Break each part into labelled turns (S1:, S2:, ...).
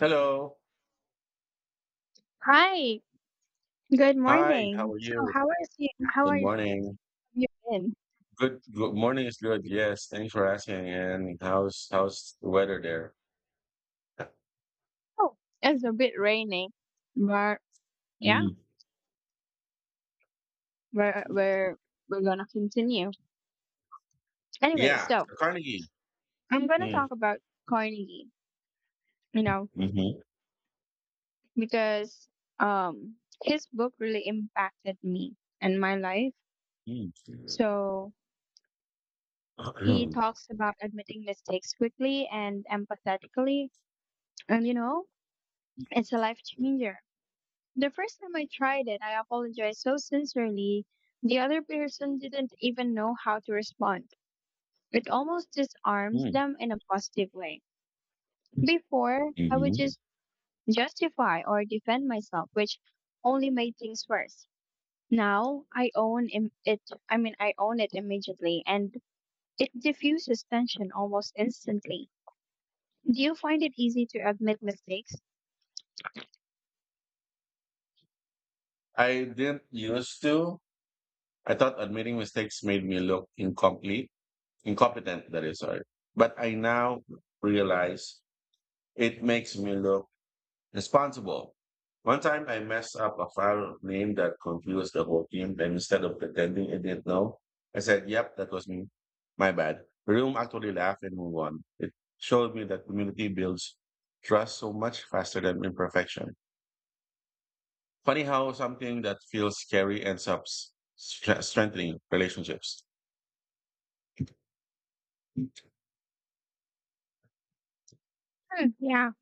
S1: Hello.
S2: Hi, good
S1: Hi, how
S2: morning.
S1: are
S2: So
S1: you?
S2: how are you? How are
S1: Good
S2: you, have
S1: morning.
S2: you been?
S1: Good morning is good. Yes, thanks for asking. And how's the weather there?
S2: Oh, it's a bit rainy, but yeah,
S1: Mm.
S2: we're we're gonna continue. Anyway,
S1: Yeah,
S2: so
S1: so Carnegie.
S2: I'm gonna
S1: Mm.
S2: talk about Carnegie, you know,
S1: Mm-hmm.
S2: because um his book really impacted me and my life.
S1: Mm.
S2: So he talks about admitting mistakes quickly and empathetically, and it's a life changer. The first time I tried it, I apologized so sincerely, the other person didn't even know how to respond. It almost disarms
S1: Mm.
S2: them in a positive way. Before, I would
S1: Mhm.
S2: just justify or defend myself, which only made things worse. Now, I own it immediately, and it diffuses tension almost instantly. Do you find it easy to admit mistakes?
S1: I didn't used to. I thought admitting mistakes made me look incomplete, incompetent, that is, sorry. But I now realize it makes me look responsible. One time I messed up a file name that confused the whole team, and instead of pretending it didn't know, I said, "Yep, that was me. My bad." The room actually laughed and moved on. It showed me that community builds trust so much faster than imperfection. Funny how something that feels scary ends up strengthening relationships.
S2: Hmm, yeah.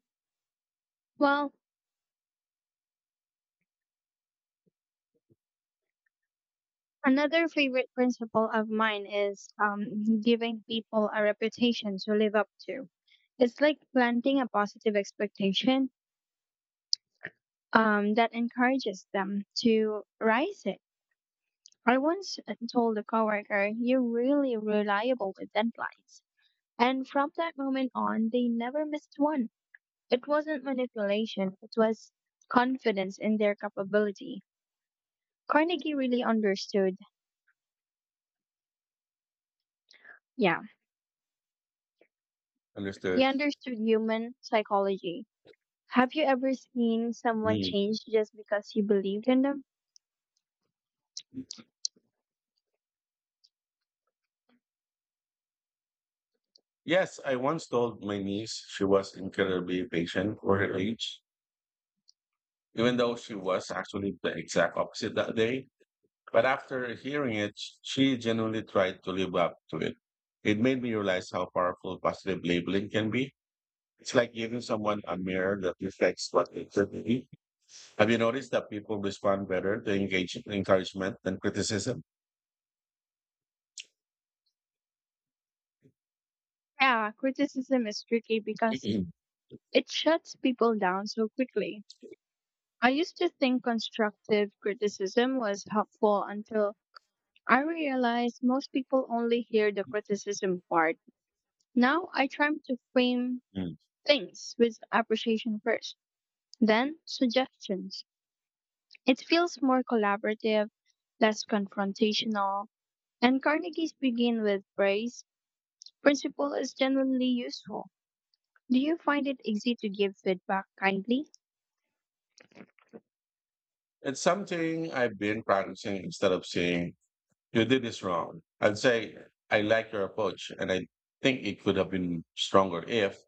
S2: Well, another favorite principle of mine is giving people a reputation to live up to. It's like planting a positive expectation that encourages them to rise it. I once told a coworker, "You're really reliable with deadlines." And from that moment on, they never missed one. It wasn't manipulation, it was confidence in their capability. Carnegie really understood, yeah, he
S1: Understood.
S2: understood human psychology. Have you ever seen someone
S1: Mm.
S2: change just because you believed in them?
S1: Yes, I once told my niece she was incredibly patient for her age, even though she was actually the exact opposite that day. But after hearing it, she genuinely tried to live up to it. It made me realize how powerful positive labeling can be. It's like giving someone a mirror that reflects what they could be. Have you noticed that people respond better to engage encouragement than criticism?
S2: Yeah, criticism is tricky because it shuts people down so quickly. I used to think constructive criticism was helpful until I realized most people only hear the criticism part. Now I try to frame
S1: Mm.
S2: things with appreciation first, then suggestions. It feels more collaborative, less confrontational, and Carnegie's begin with praise principle is genuinely useful. Do you find it easy to give feedback kindly?
S1: It's something I've been practicing. Instead of saying, "You did this wrong," I'd say, "I like your approach and I think it could have been stronger if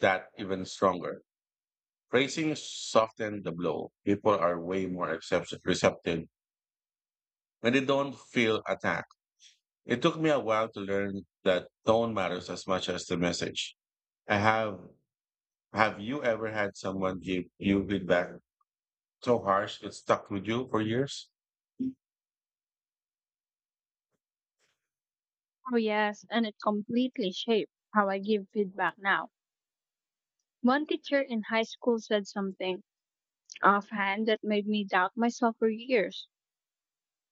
S1: that even stronger." Praising softened the blow. People are way more receptive when they don't feel attacked. It took me a while to learn that tone matters as much as the message. I have you ever had someone give you feedback so harsh it stuck with you for years?
S2: Oh, yes, and it completely shaped how I give feedback now. One teacher in high school said something offhand that made me doubt myself for years.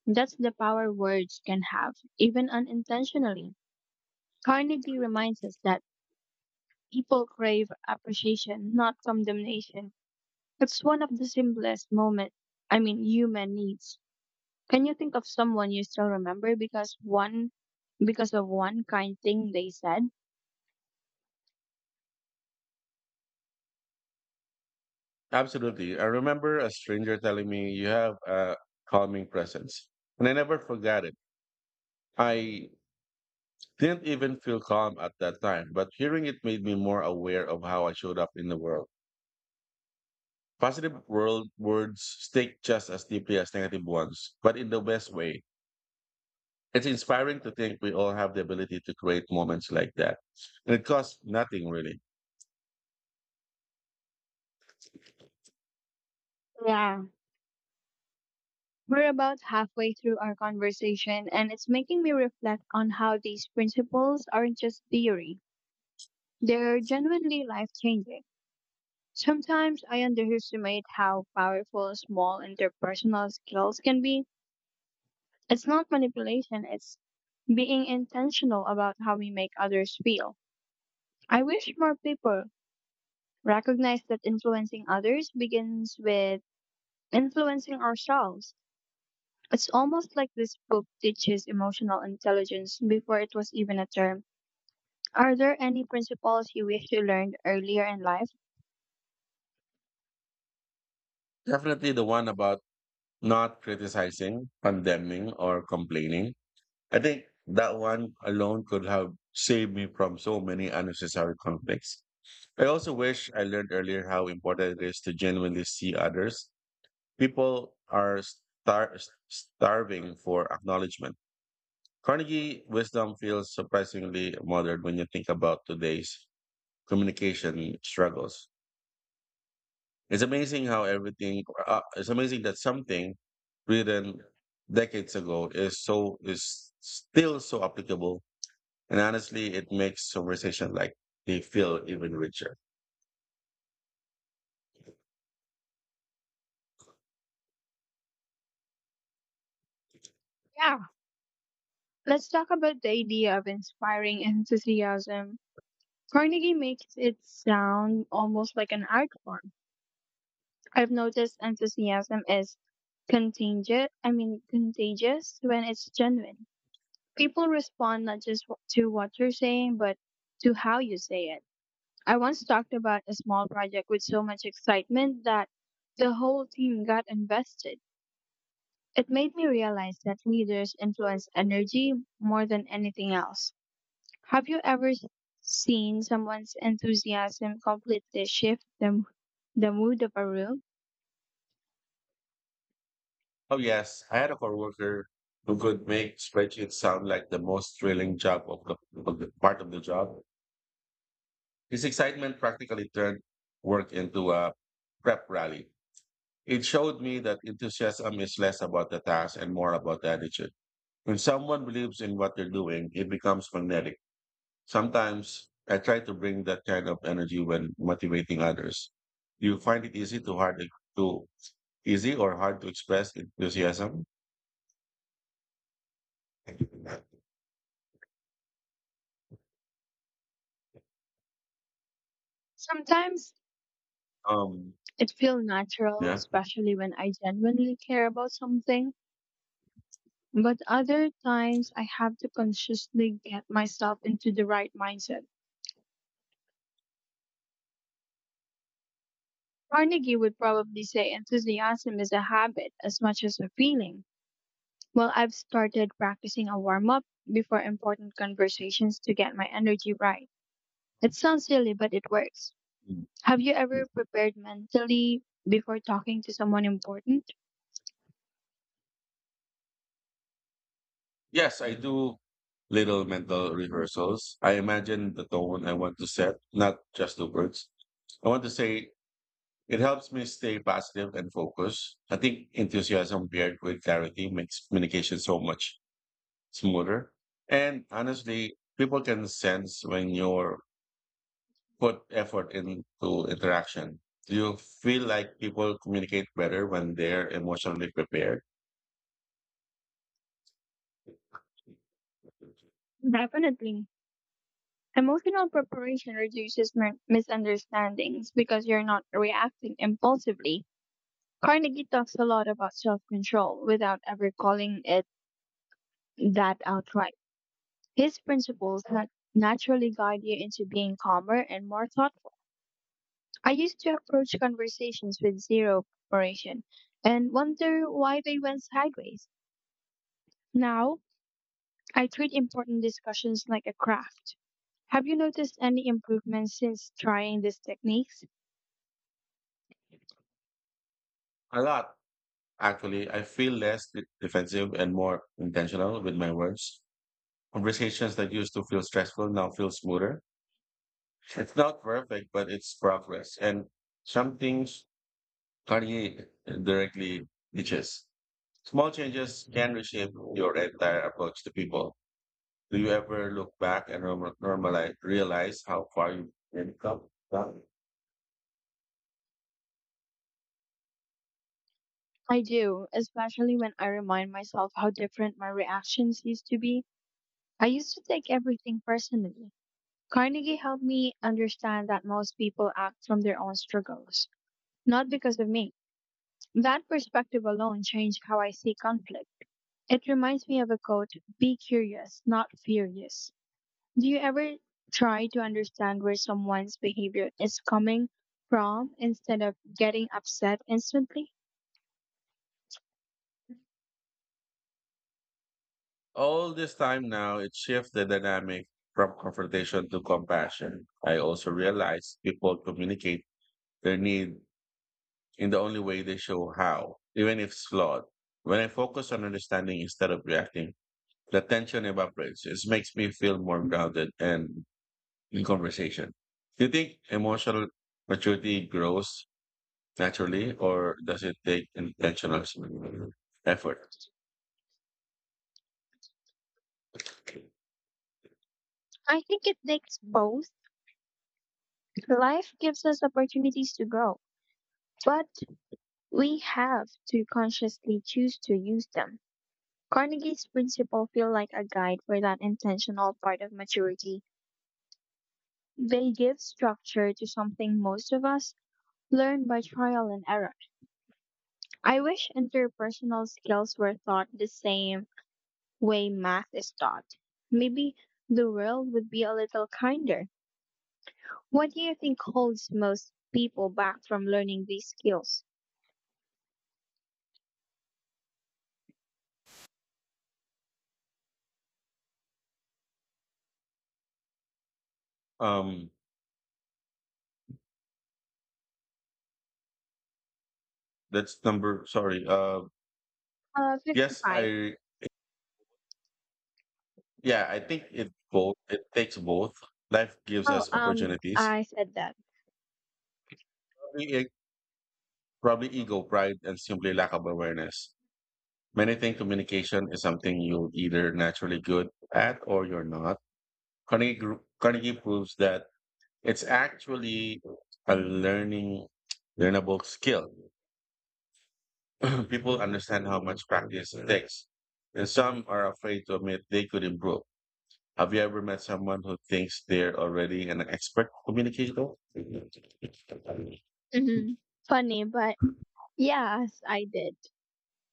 S2: That's the power words can have, even unintentionally. Carnegie reminds us that people crave appreciation, not condemnation. It's one of the simplest moment, I mean, human needs. Can you think of someone you still remember because one because of one kind thing they said?
S1: Absolutely. I remember a stranger telling me, "You have a calming presence," and I never forgot it. I didn't even feel calm at that time, but hearing it made me more aware of how I showed up in the world. Positive world words stick just as deeply as negative ones, but in the best way. It's inspiring to think we all have the ability to create moments like that. And it costs nothing really.
S2: Yeah. We're about halfway through our conversation, and it's making me reflect on how these principles aren't just theory. They're genuinely life changing. Sometimes I underestimate how powerful small interpersonal skills can be. It's not manipulation, it's being intentional about how we make others feel. I wish more people recognize that influencing others begins with influencing ourselves. It's almost like this book teaches emotional intelligence before it was even a term. Are there any principles you wish you learned earlier in life?
S1: Definitely the one about not criticizing, condemning, or complaining. I think that one alone could have saved me from so many unnecessary conflicts. I also wish I learned earlier how important it is to genuinely see others. People are star- starving for acknowledgement. Carnegie wisdom feels surprisingly modern when you think about today's communication struggles. It's amazing how it's amazing that something written decades ago is so, is still so applicable. And honestly, it makes conversation like they feel even richer.
S2: Yeah. Let's talk about the idea of inspiring enthusiasm. Carnegie makes it sound almost like an art form. I've noticed enthusiasm is contagious, I mean, contagious when it's genuine. People respond not just to what you're saying, but to how you say it. I once talked about a small project with so much excitement that the whole team got invested. It made me realize that leaders influence energy more than anything else. Have you ever seen someone's enthusiasm completely shift the mood of a room?
S1: Oh, yes. I had a coworker who could make spreadsheets sound like the most thrilling of the part of the job. His excitement practically turned work into a prep rally. It showed me that enthusiasm is less about the task and more about the attitude. When someone believes in what they're doing, it becomes magnetic. Sometimes I try to bring that kind of energy when motivating others. Do you find it to easy or hard to express enthusiasm?
S2: Sometimes
S1: Um,
S2: it feels natural,
S1: yeah.
S2: especially when I genuinely care about something. But other times I have to consciously get myself into the right mindset. Carnegie would probably say enthusiasm is a habit as much as a feeling. Well, I've started practicing a warm up before important conversations to get my energy right. It sounds silly, but it works. Have you ever prepared mentally before talking to someone important?
S1: Yes, I do little mental rehearsals. I imagine the tone I want to set, not just the words I want to say. It helps me stay positive and focused. I think enthusiasm paired with clarity makes communication so much smoother. And honestly, people can sense when you're put effort into interaction. Do you feel like people communicate better when they're emotionally prepared?
S2: Definitely. Emotional preparation reduces misunderstandings because you're not reacting impulsively. Carnegie talks a lot about self control without ever calling it that outright. His principles naturally guide you into being calmer and more thoughtful. I used to approach conversations with zero preparation and wonder why they went sideways. Now, I treat important discussions like a craft. Have you noticed any improvements since trying these techniques?
S1: A lot, actually. I feel less defensive and more intentional with my words. Conversations that used to feel stressful now feel smoother. It's not perfect, but it's progress. And some things Kanye directly teaches. Small changes can reshape your entire approach to people. Do you ever look back and normalize, realize how far you've come?
S2: I do, especially when I remind myself how different my reactions used to be. I used to take everything personally. Carnegie helped me understand that most people act from their own struggles, not because of me. That perspective alone changed how I see conflict. It reminds me of a quote, "be curious, not furious." Do you ever try to understand where someone's behavior is coming from instead of getting upset instantly?
S1: All this time now, it shifts the dynamic from confrontation to compassion. I also realize people communicate their need in the only way they show how, even if it's flawed. When I focus on understanding instead of reacting, the tension evaporates. It makes me feel more grounded and in conversation. Do you think emotional maturity grows naturally, or does it take intentional effort?
S2: I think it takes both. Life gives us opportunities to grow, but we have to consciously choose to use them. Carnegie's principles feel like a guide for that intentional part of maturity. They give structure to something most of us learn by trial and error. I wish interpersonal skills were taught the same way math is taught. Maybe the world would be a little kinder. What do you think holds most people back from learning these skills?
S1: Um, that's number, sorry. Yes,
S2: 55.
S1: yeah, I think it takes both. Life gives
S2: Oh,
S1: us opportunities,
S2: I said that.
S1: probably, probably ego, pride, and simply lack of awareness. Many think communication is something you either naturally good at or you're not. Carnegie proves that it's actually a learnable skill. People understand how much practice it takes, and some are afraid to admit they could improve. Have you ever met someone who thinks they're already an expert communicator? Mm,
S2: Hmm. Funny, but yes, I did.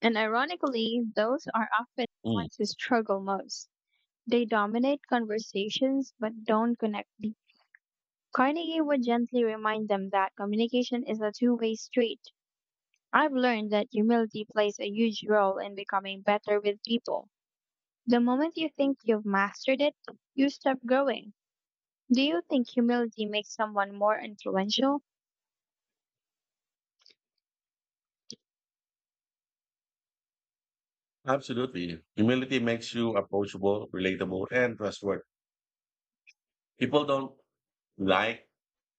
S2: And ironically, those are often the ones who struggle most. They dominate conversations but don't connect deep. Carnegie would gently remind them that communication is a two-way street. I've learned that humility plays a huge role in becoming better with people. The moment you think you've mastered it, you stop growing. Do you think humility makes someone more influential?
S1: absolutely. Humility makes you approachable, relatable, and trustworthy. People don't like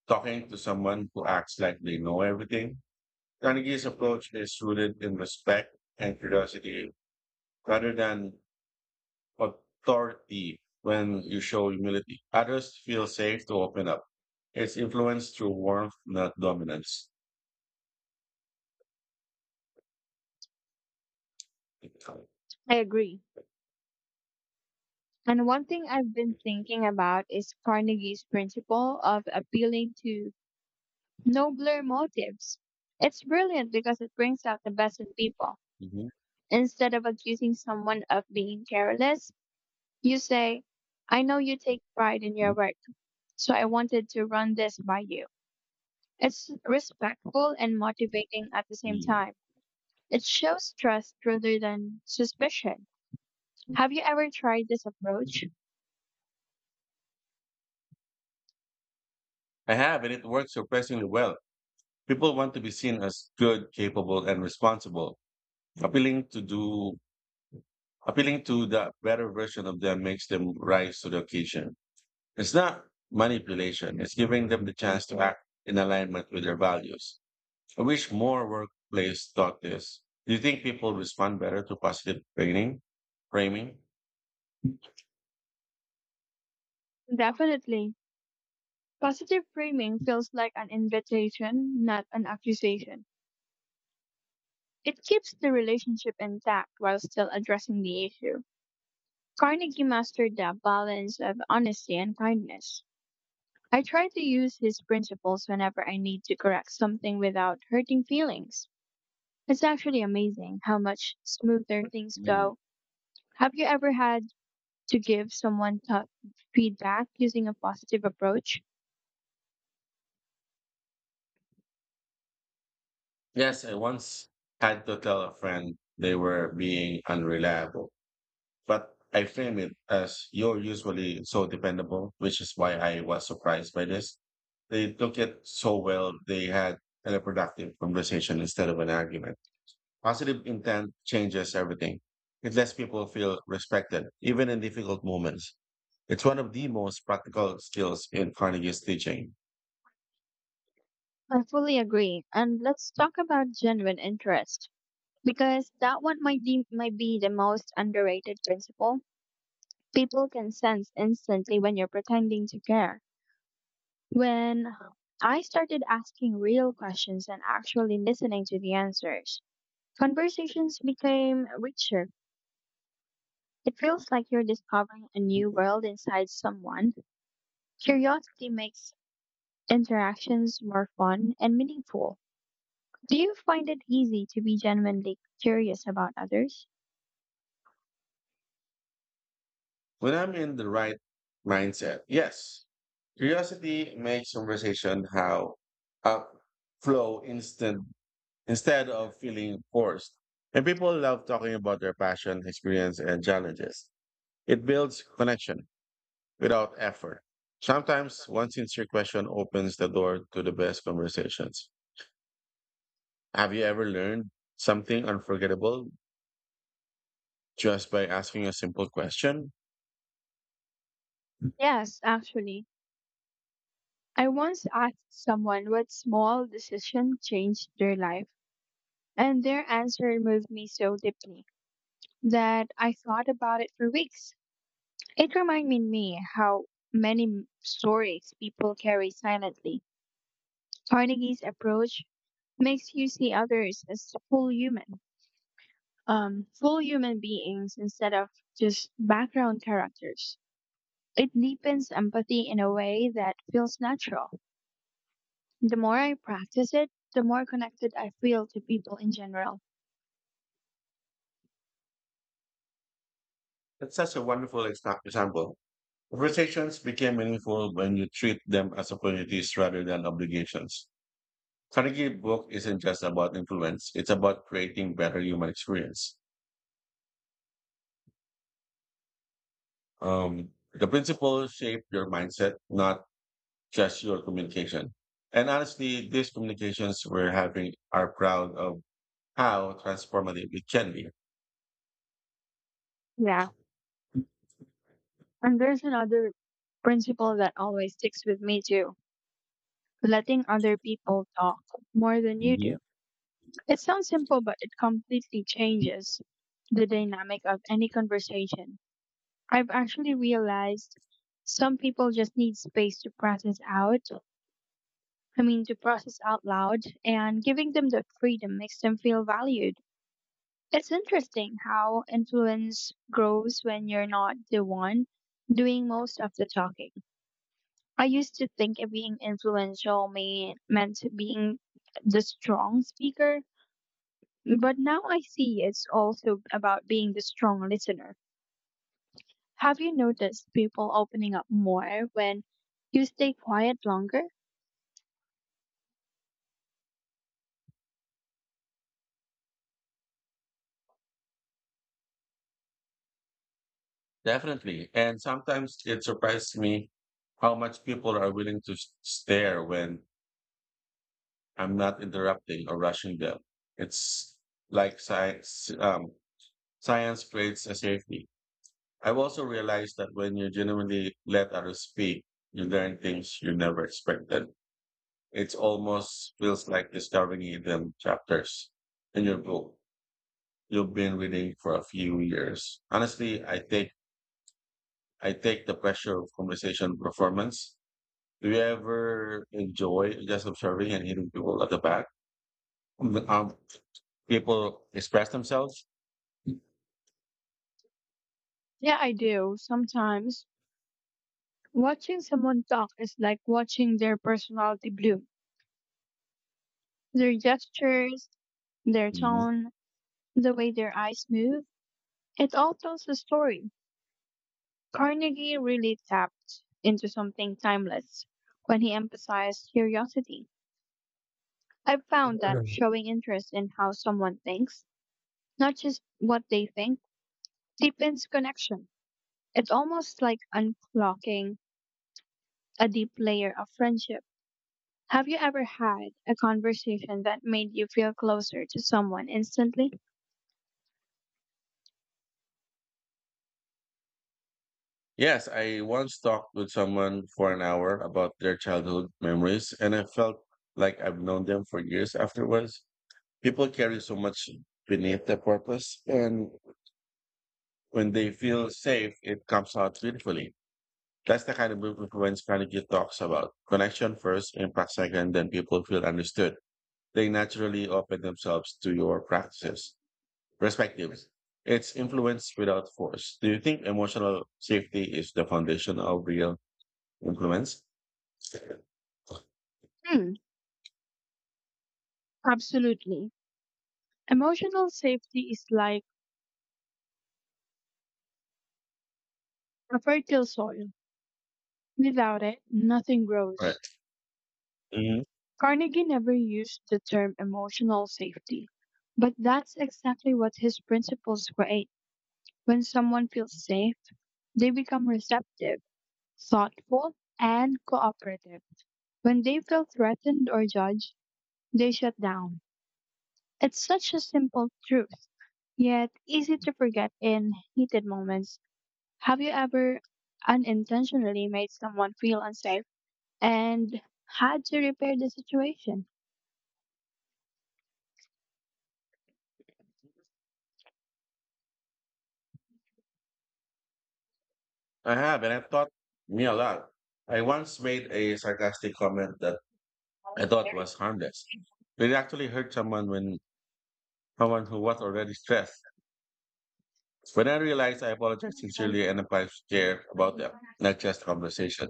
S1: talking to someone who acts like they know everything. Carnegie's approach is rooted in respect and curiosity rather than authority. When you show humility, others feel safe to open up. It's influence through warmth, not dominance.
S2: I agree. And one thing I've been thinking about is Carnegie's principle of appealing to nobler motives. It's brilliant because it brings out the best in people.
S1: Mhm.
S2: Instead of accusing someone of being careless, you say, "I know you take pride in your work, so I wanted to run this by you." It's respectful and motivating at the same
S1: Mhm.
S2: time. It shows trust rather than suspicion. Have you ever tried this approach?
S1: I have, and it works surprisingly well. People want to be seen as good, capable, and responsible. Appealing to do Appealing to the better version of them makes them rise to the occasion. It's not manipulation, it's giving them the chance to act in alignment with their values. I wish more workplace taught this. Do you think people respond better to positive framing?
S2: Definitely. Positive framing feels like an invitation, not an accusation. It keeps the relationship intact while still addressing the issue. Carnegie mastered the balance of honesty and kindness. I try to use his principles whenever I need to correct something without hurting feelings. It's actually amazing how much smoother things
S1: Mm.
S2: go. Have you ever had to give someone tough feedback using a positive approach?
S1: Yes, I once had to tell a friend they were being unreliable. But I frame it as, "You're usually so dependable, which is why I was surprised by this." They took it so well, they had a productive conversation instead of an argument. Positive intent changes everything. It lets people feel respected, even in difficult moments. It's one of the most practical skills in Carnegie's teaching.
S2: I fully agree. And let's talk about genuine interest because that one might be the most underrated principle. People can sense instantly when you're pretending to care. When I started asking real questions and actually listening to the answers, conversations became richer. It feels like you're discovering a new world inside someone. Curiosity makes interactions more fun and meaningful. Do you find it easy to be genuinely curious about others?
S1: When I'm in the right mindset, yes, curiosity makes conversation how uh, flow instant instead of feeling forced. And people love talking about their passion, experience, and challenges. It builds connection without effort. Sometimes one sincere question opens the door to the best conversations. Have you ever learned something unforgettable just by asking a simple question?
S2: Yes, actually. I once asked someone what small decision changed their life. And their answer moved me so deeply that I thought about it for weeks. It reminded me how stories people carry silently. Carnegie's approach makes you see others as full human beings instead of just background characters. It deepens empathy in a way that feels natural. The more I practice it, the more connected I feel to people in general.
S1: That's such a wonderful example. Conversations became meaningful when you treat them as opportunities rather than obligations. Carnegie book isn't just about influence, it's about creating better human experience. The principles shape your mindset, not just your communication. And honestly, these communications we're having are proud of how transformative it can be.
S2: Yeah. And there's another principle that always sticks with me too, letting other people talk more than you do.
S1: Mhm.
S2: It sounds simple, but it completely changes the dynamic of any conversation. I've actually realized some people just need space to process out, I mean, to process out loud, and giving them the freedom makes them feel valued. It's interesting how influence grows when you're not the one doing most of the talking. I used to think of meant being the strong speaker, but now I see it's also about being the strong listener. Have you noticed people opening up more when you stay quiet longer?
S1: Definitely. And sometimes it surprises me how much people are willing to stare when I'm not interrupting or rushing them. It's like science creates a safety. I've also realized that when you genuinely let others speak, you learn things you never expected. It's almost feels like discovering hidden chapters in your book you've been reading for a few years. Honestly, I take the pressure of conversation performance. Do you ever enjoy just observing and hearing people at the back? Um, um, people express themselves.
S2: Yeah, I do. Sometimes watching someone talk is like watching their personality bloom. Their gestures, their
S1: Mhm.
S2: tone, the way their eyes move, it all tells a story. Carnegie really tapped into something timeless when he emphasized curiosity. I've found that showing interest in how someone thinks, not just what they think, deepens connection. It's almost like unlocking a deep layer of friendship. Have you ever had a conversation that made you feel closer to someone instantly?
S1: Yes, I once talked with someone for an hour about their childhood memories, and I felt like I've known them for years afterwards. People carry so much beneath their purpose, and when they feel safe, it comes out beautifully. That's the kind of movie Vince Carnegie talks about. Connection first, impact second, then people feel understood. They naturally open themselves to your practices, perspectives. It's influence without force. Do you think emotional safety is the foundation of real influence?
S2: Hmm, absolutely. Emotional safety is like a fertile soil. Without it, nothing
S1: Right.
S2: grows.
S1: Mhm.
S2: Carnegie never used the term emotional safety, but that's exactly what his principles create. When someone feels safe, they become receptive, thoughtful, and cooperative. When they feel threatened or judged, they shut down. It's such a simple truth, yet easy to forget in heated moments. Have you ever unintentionally made someone feel unsafe and had to repair the situation?
S1: I have, and I've taught me a lot. I once made a sarcastic comment that I thought was harmless. But it actually hurt someone who was already stressed. When I realized, I apologized sincerely and I care about them, not just conversation.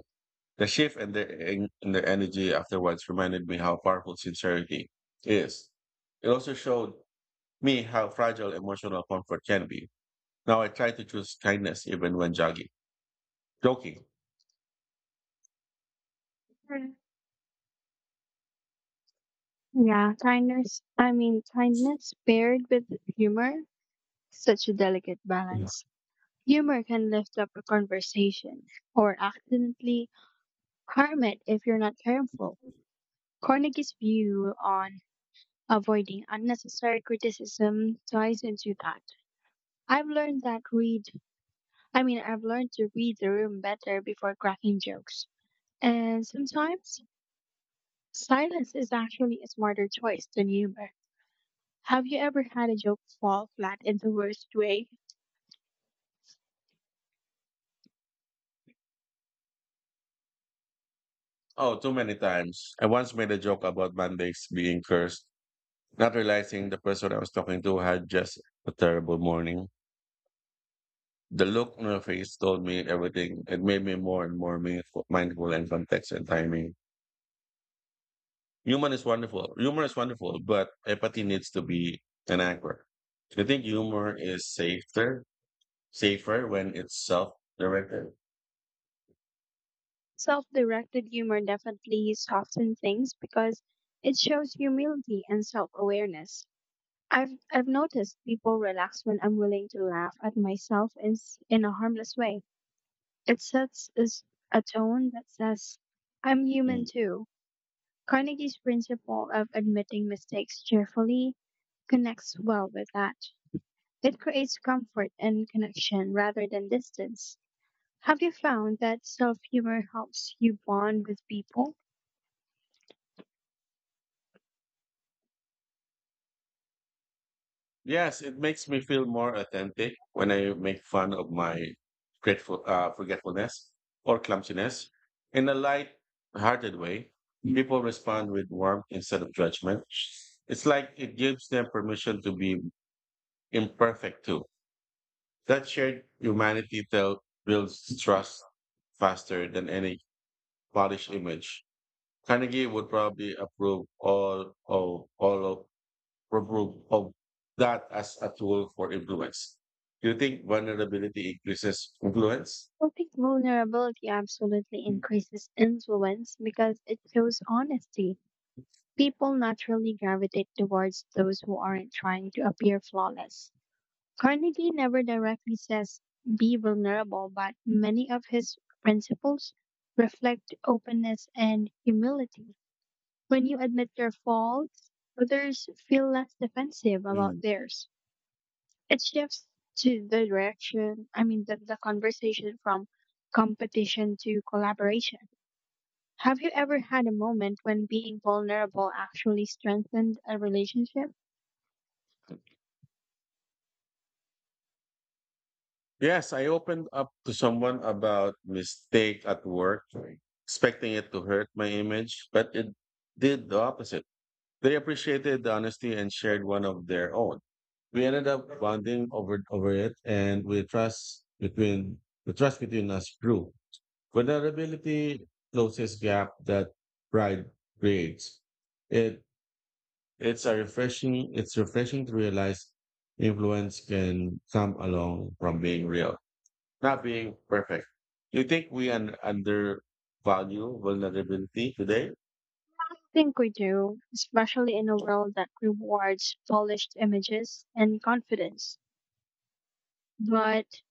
S1: The shift in the energy afterwards reminded me how powerful sincerity is. It also showed me how fragile emotional comfort can be. Now I try to choose kindness even when joking.
S2: Yeah, kindness paired with humor, such a delicate
S1: Yeah.
S2: balance. Humor can lift up a conversation or accidentally harm it if you're not careful. Carnegie's view on avoiding unnecessary criticism ties into that. I've learned that read, I've learned to read the room better before cracking jokes. And sometimes silence is actually a smarter choice than humor. Have you ever had a joke fall flat in the worst way?
S1: Oh, too many times. I once made a joke about Mondays being cursed, not realizing the person I was talking to had just a terrible morning. The look on her face told me everything. It made me more and more mindful and context and timing. Humor is wonderful. Humor is wonderful, but empathy needs to be an anchor. I think humor is safer when it's self-directed.
S2: Self directed humor definitely softens things because it shows humility and self awareness. I've noticed people relax when I'm willing to laugh at myself in a harmless way. It sets us a tone that says, "I'm
S1: Hmm.
S2: human too." Carnegie's principle of admitting mistakes cheerfully connects well with that. It creates comfort and connection rather than distance. Have you found that self humor helps you bond with people?
S1: Yes, it makes me feel more authentic when I make fun of my grateful forgetfulness or clumsiness in a light-hearted way. People respond with warmth instead of judgment. It's like it gives them permission to be imperfect too. That shared humanity tell builds trust faster than any polished image. Carnegie would probably approve all of remove of that as a tool for influence. Do you think vulnerability increases influence?
S2: I think vulnerability absolutely increases influence because it shows honesty. People naturally gravitate towards those who aren't trying to appear flawless. Carnegie never directly says be vulnerable, but many of his principles reflect openness and humility. When you admit your faults, others feel less defensive about
S1: Hmm.
S2: theirs. It shifts to the direction, I mean, the conversation from competition to collaboration. Have you ever had a moment when being vulnerable actually strengthened a relationship?
S1: Yes, I opened up to someone about mistake at work, expecting it to hurt my image, but it did the opposite. They appreciated the honesty and shared one of their own. We ended up bonding over it, and we trust between us grew. Vulnerability closes gap that pride creates. It it's refreshing to realize influence can come along from being real. Not being perfect. You think we undervalue vulnerability today?
S2: I think we do, especially in a world that rewards polished images and confidence. But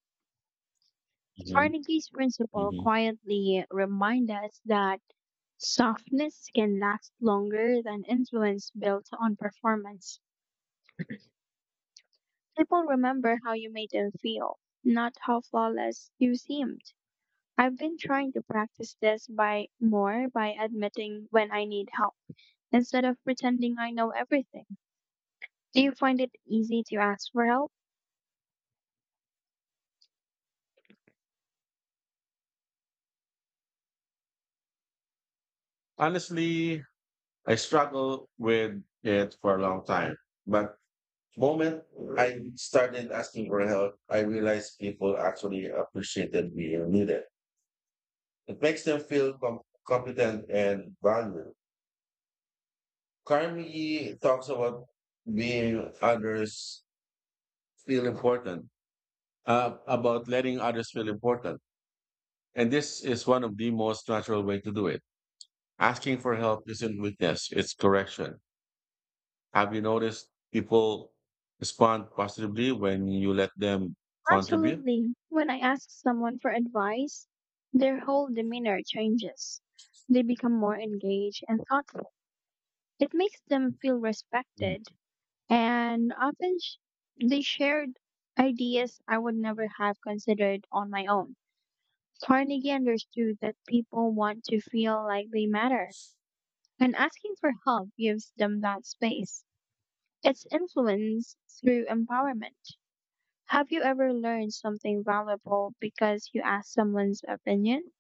S1: hmm
S2: Carnegie's principle
S1: hmm
S2: quietly reminds us that softness can last longer than influence built on performance. People remember how you made them feel, not how flawless you seemed. I've been trying to practice this by admitting when I need help instead of pretending I know everything. Do you find it easy to ask for help?
S1: Honestly, I struggled with it for a long time. But moment I started asking for help, I realized people actually appreciated me and needed. It makes them feel competent and valued. Carmi talks about being others feel important, about letting others feel important. And this is one of the most natural way to do it. Asking for help isn't weakness, it's correction. Have you noticed people respond positively when you let them contribute?
S2: Absolutely. When I ask someone for advice, their whole demeanor changes. They become more engaged and thoughtful. It makes them feel
S1: Mhm.
S2: respected, and they shared ideas I would never have considered on my own. Carnegie understood that people want to feel like they matter, and asking for help gives them that space. It's influence through empowerment. Have you ever learned something valuable because you asked someone's opinion?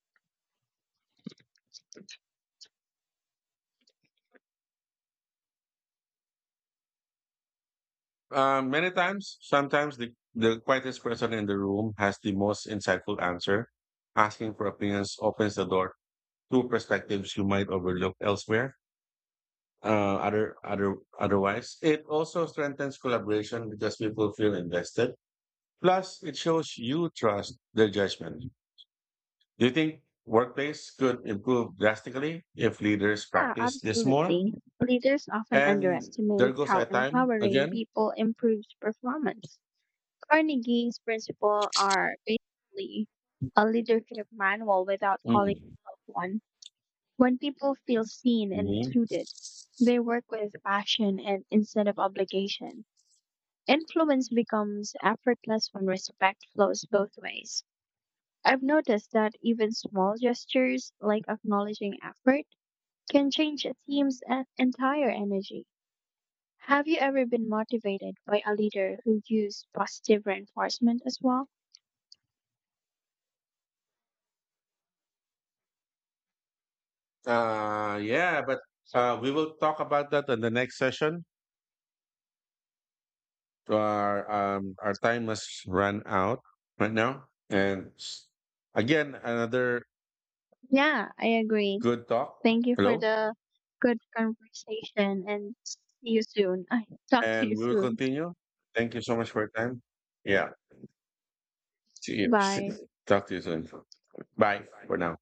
S1: Many times, sometimes the quietest person in the room has the most insightful answer. Asking for opinions opens the door to perspectives you might overlook elsewhere. Otherwise, it also strengthens collaboration because people feel invested. Plus, it shows you trust their judgment. Do you think workplace could improve drastically if leaders
S2: Yeah,
S1: practice this more?
S2: absolutely. Leaders often
S1: And there
S2: underestimate
S1: goes
S2: how
S1: our time
S2: empowering
S1: again.
S2: people improves performance. Carnegie's principles are basically a leadership manual without calling
S1: Mm.
S2: itself one. When people feel seen and
S1: Mhm.
S2: included, they work with passion and instead of obligation. Influence becomes effortless when respect flows both ways. I've noticed that even small gestures like acknowledging effort can change a team's entire energy. Have you ever been motivated by a leader who used positive reinforcement as well?
S1: Yeah, but we will talk about that in the next session. Our time has run out right now, and again another
S2: Yeah, I agree.
S1: good talk.
S2: Thank you for
S1: Hello,
S2: the good conversation and see you soon. I talk to you
S1: and we will
S2: soon.
S1: continue. Thank you so much for your time. Yeah, see you. See you.
S2: Bye.
S1: Talk to you soon. Bye for now.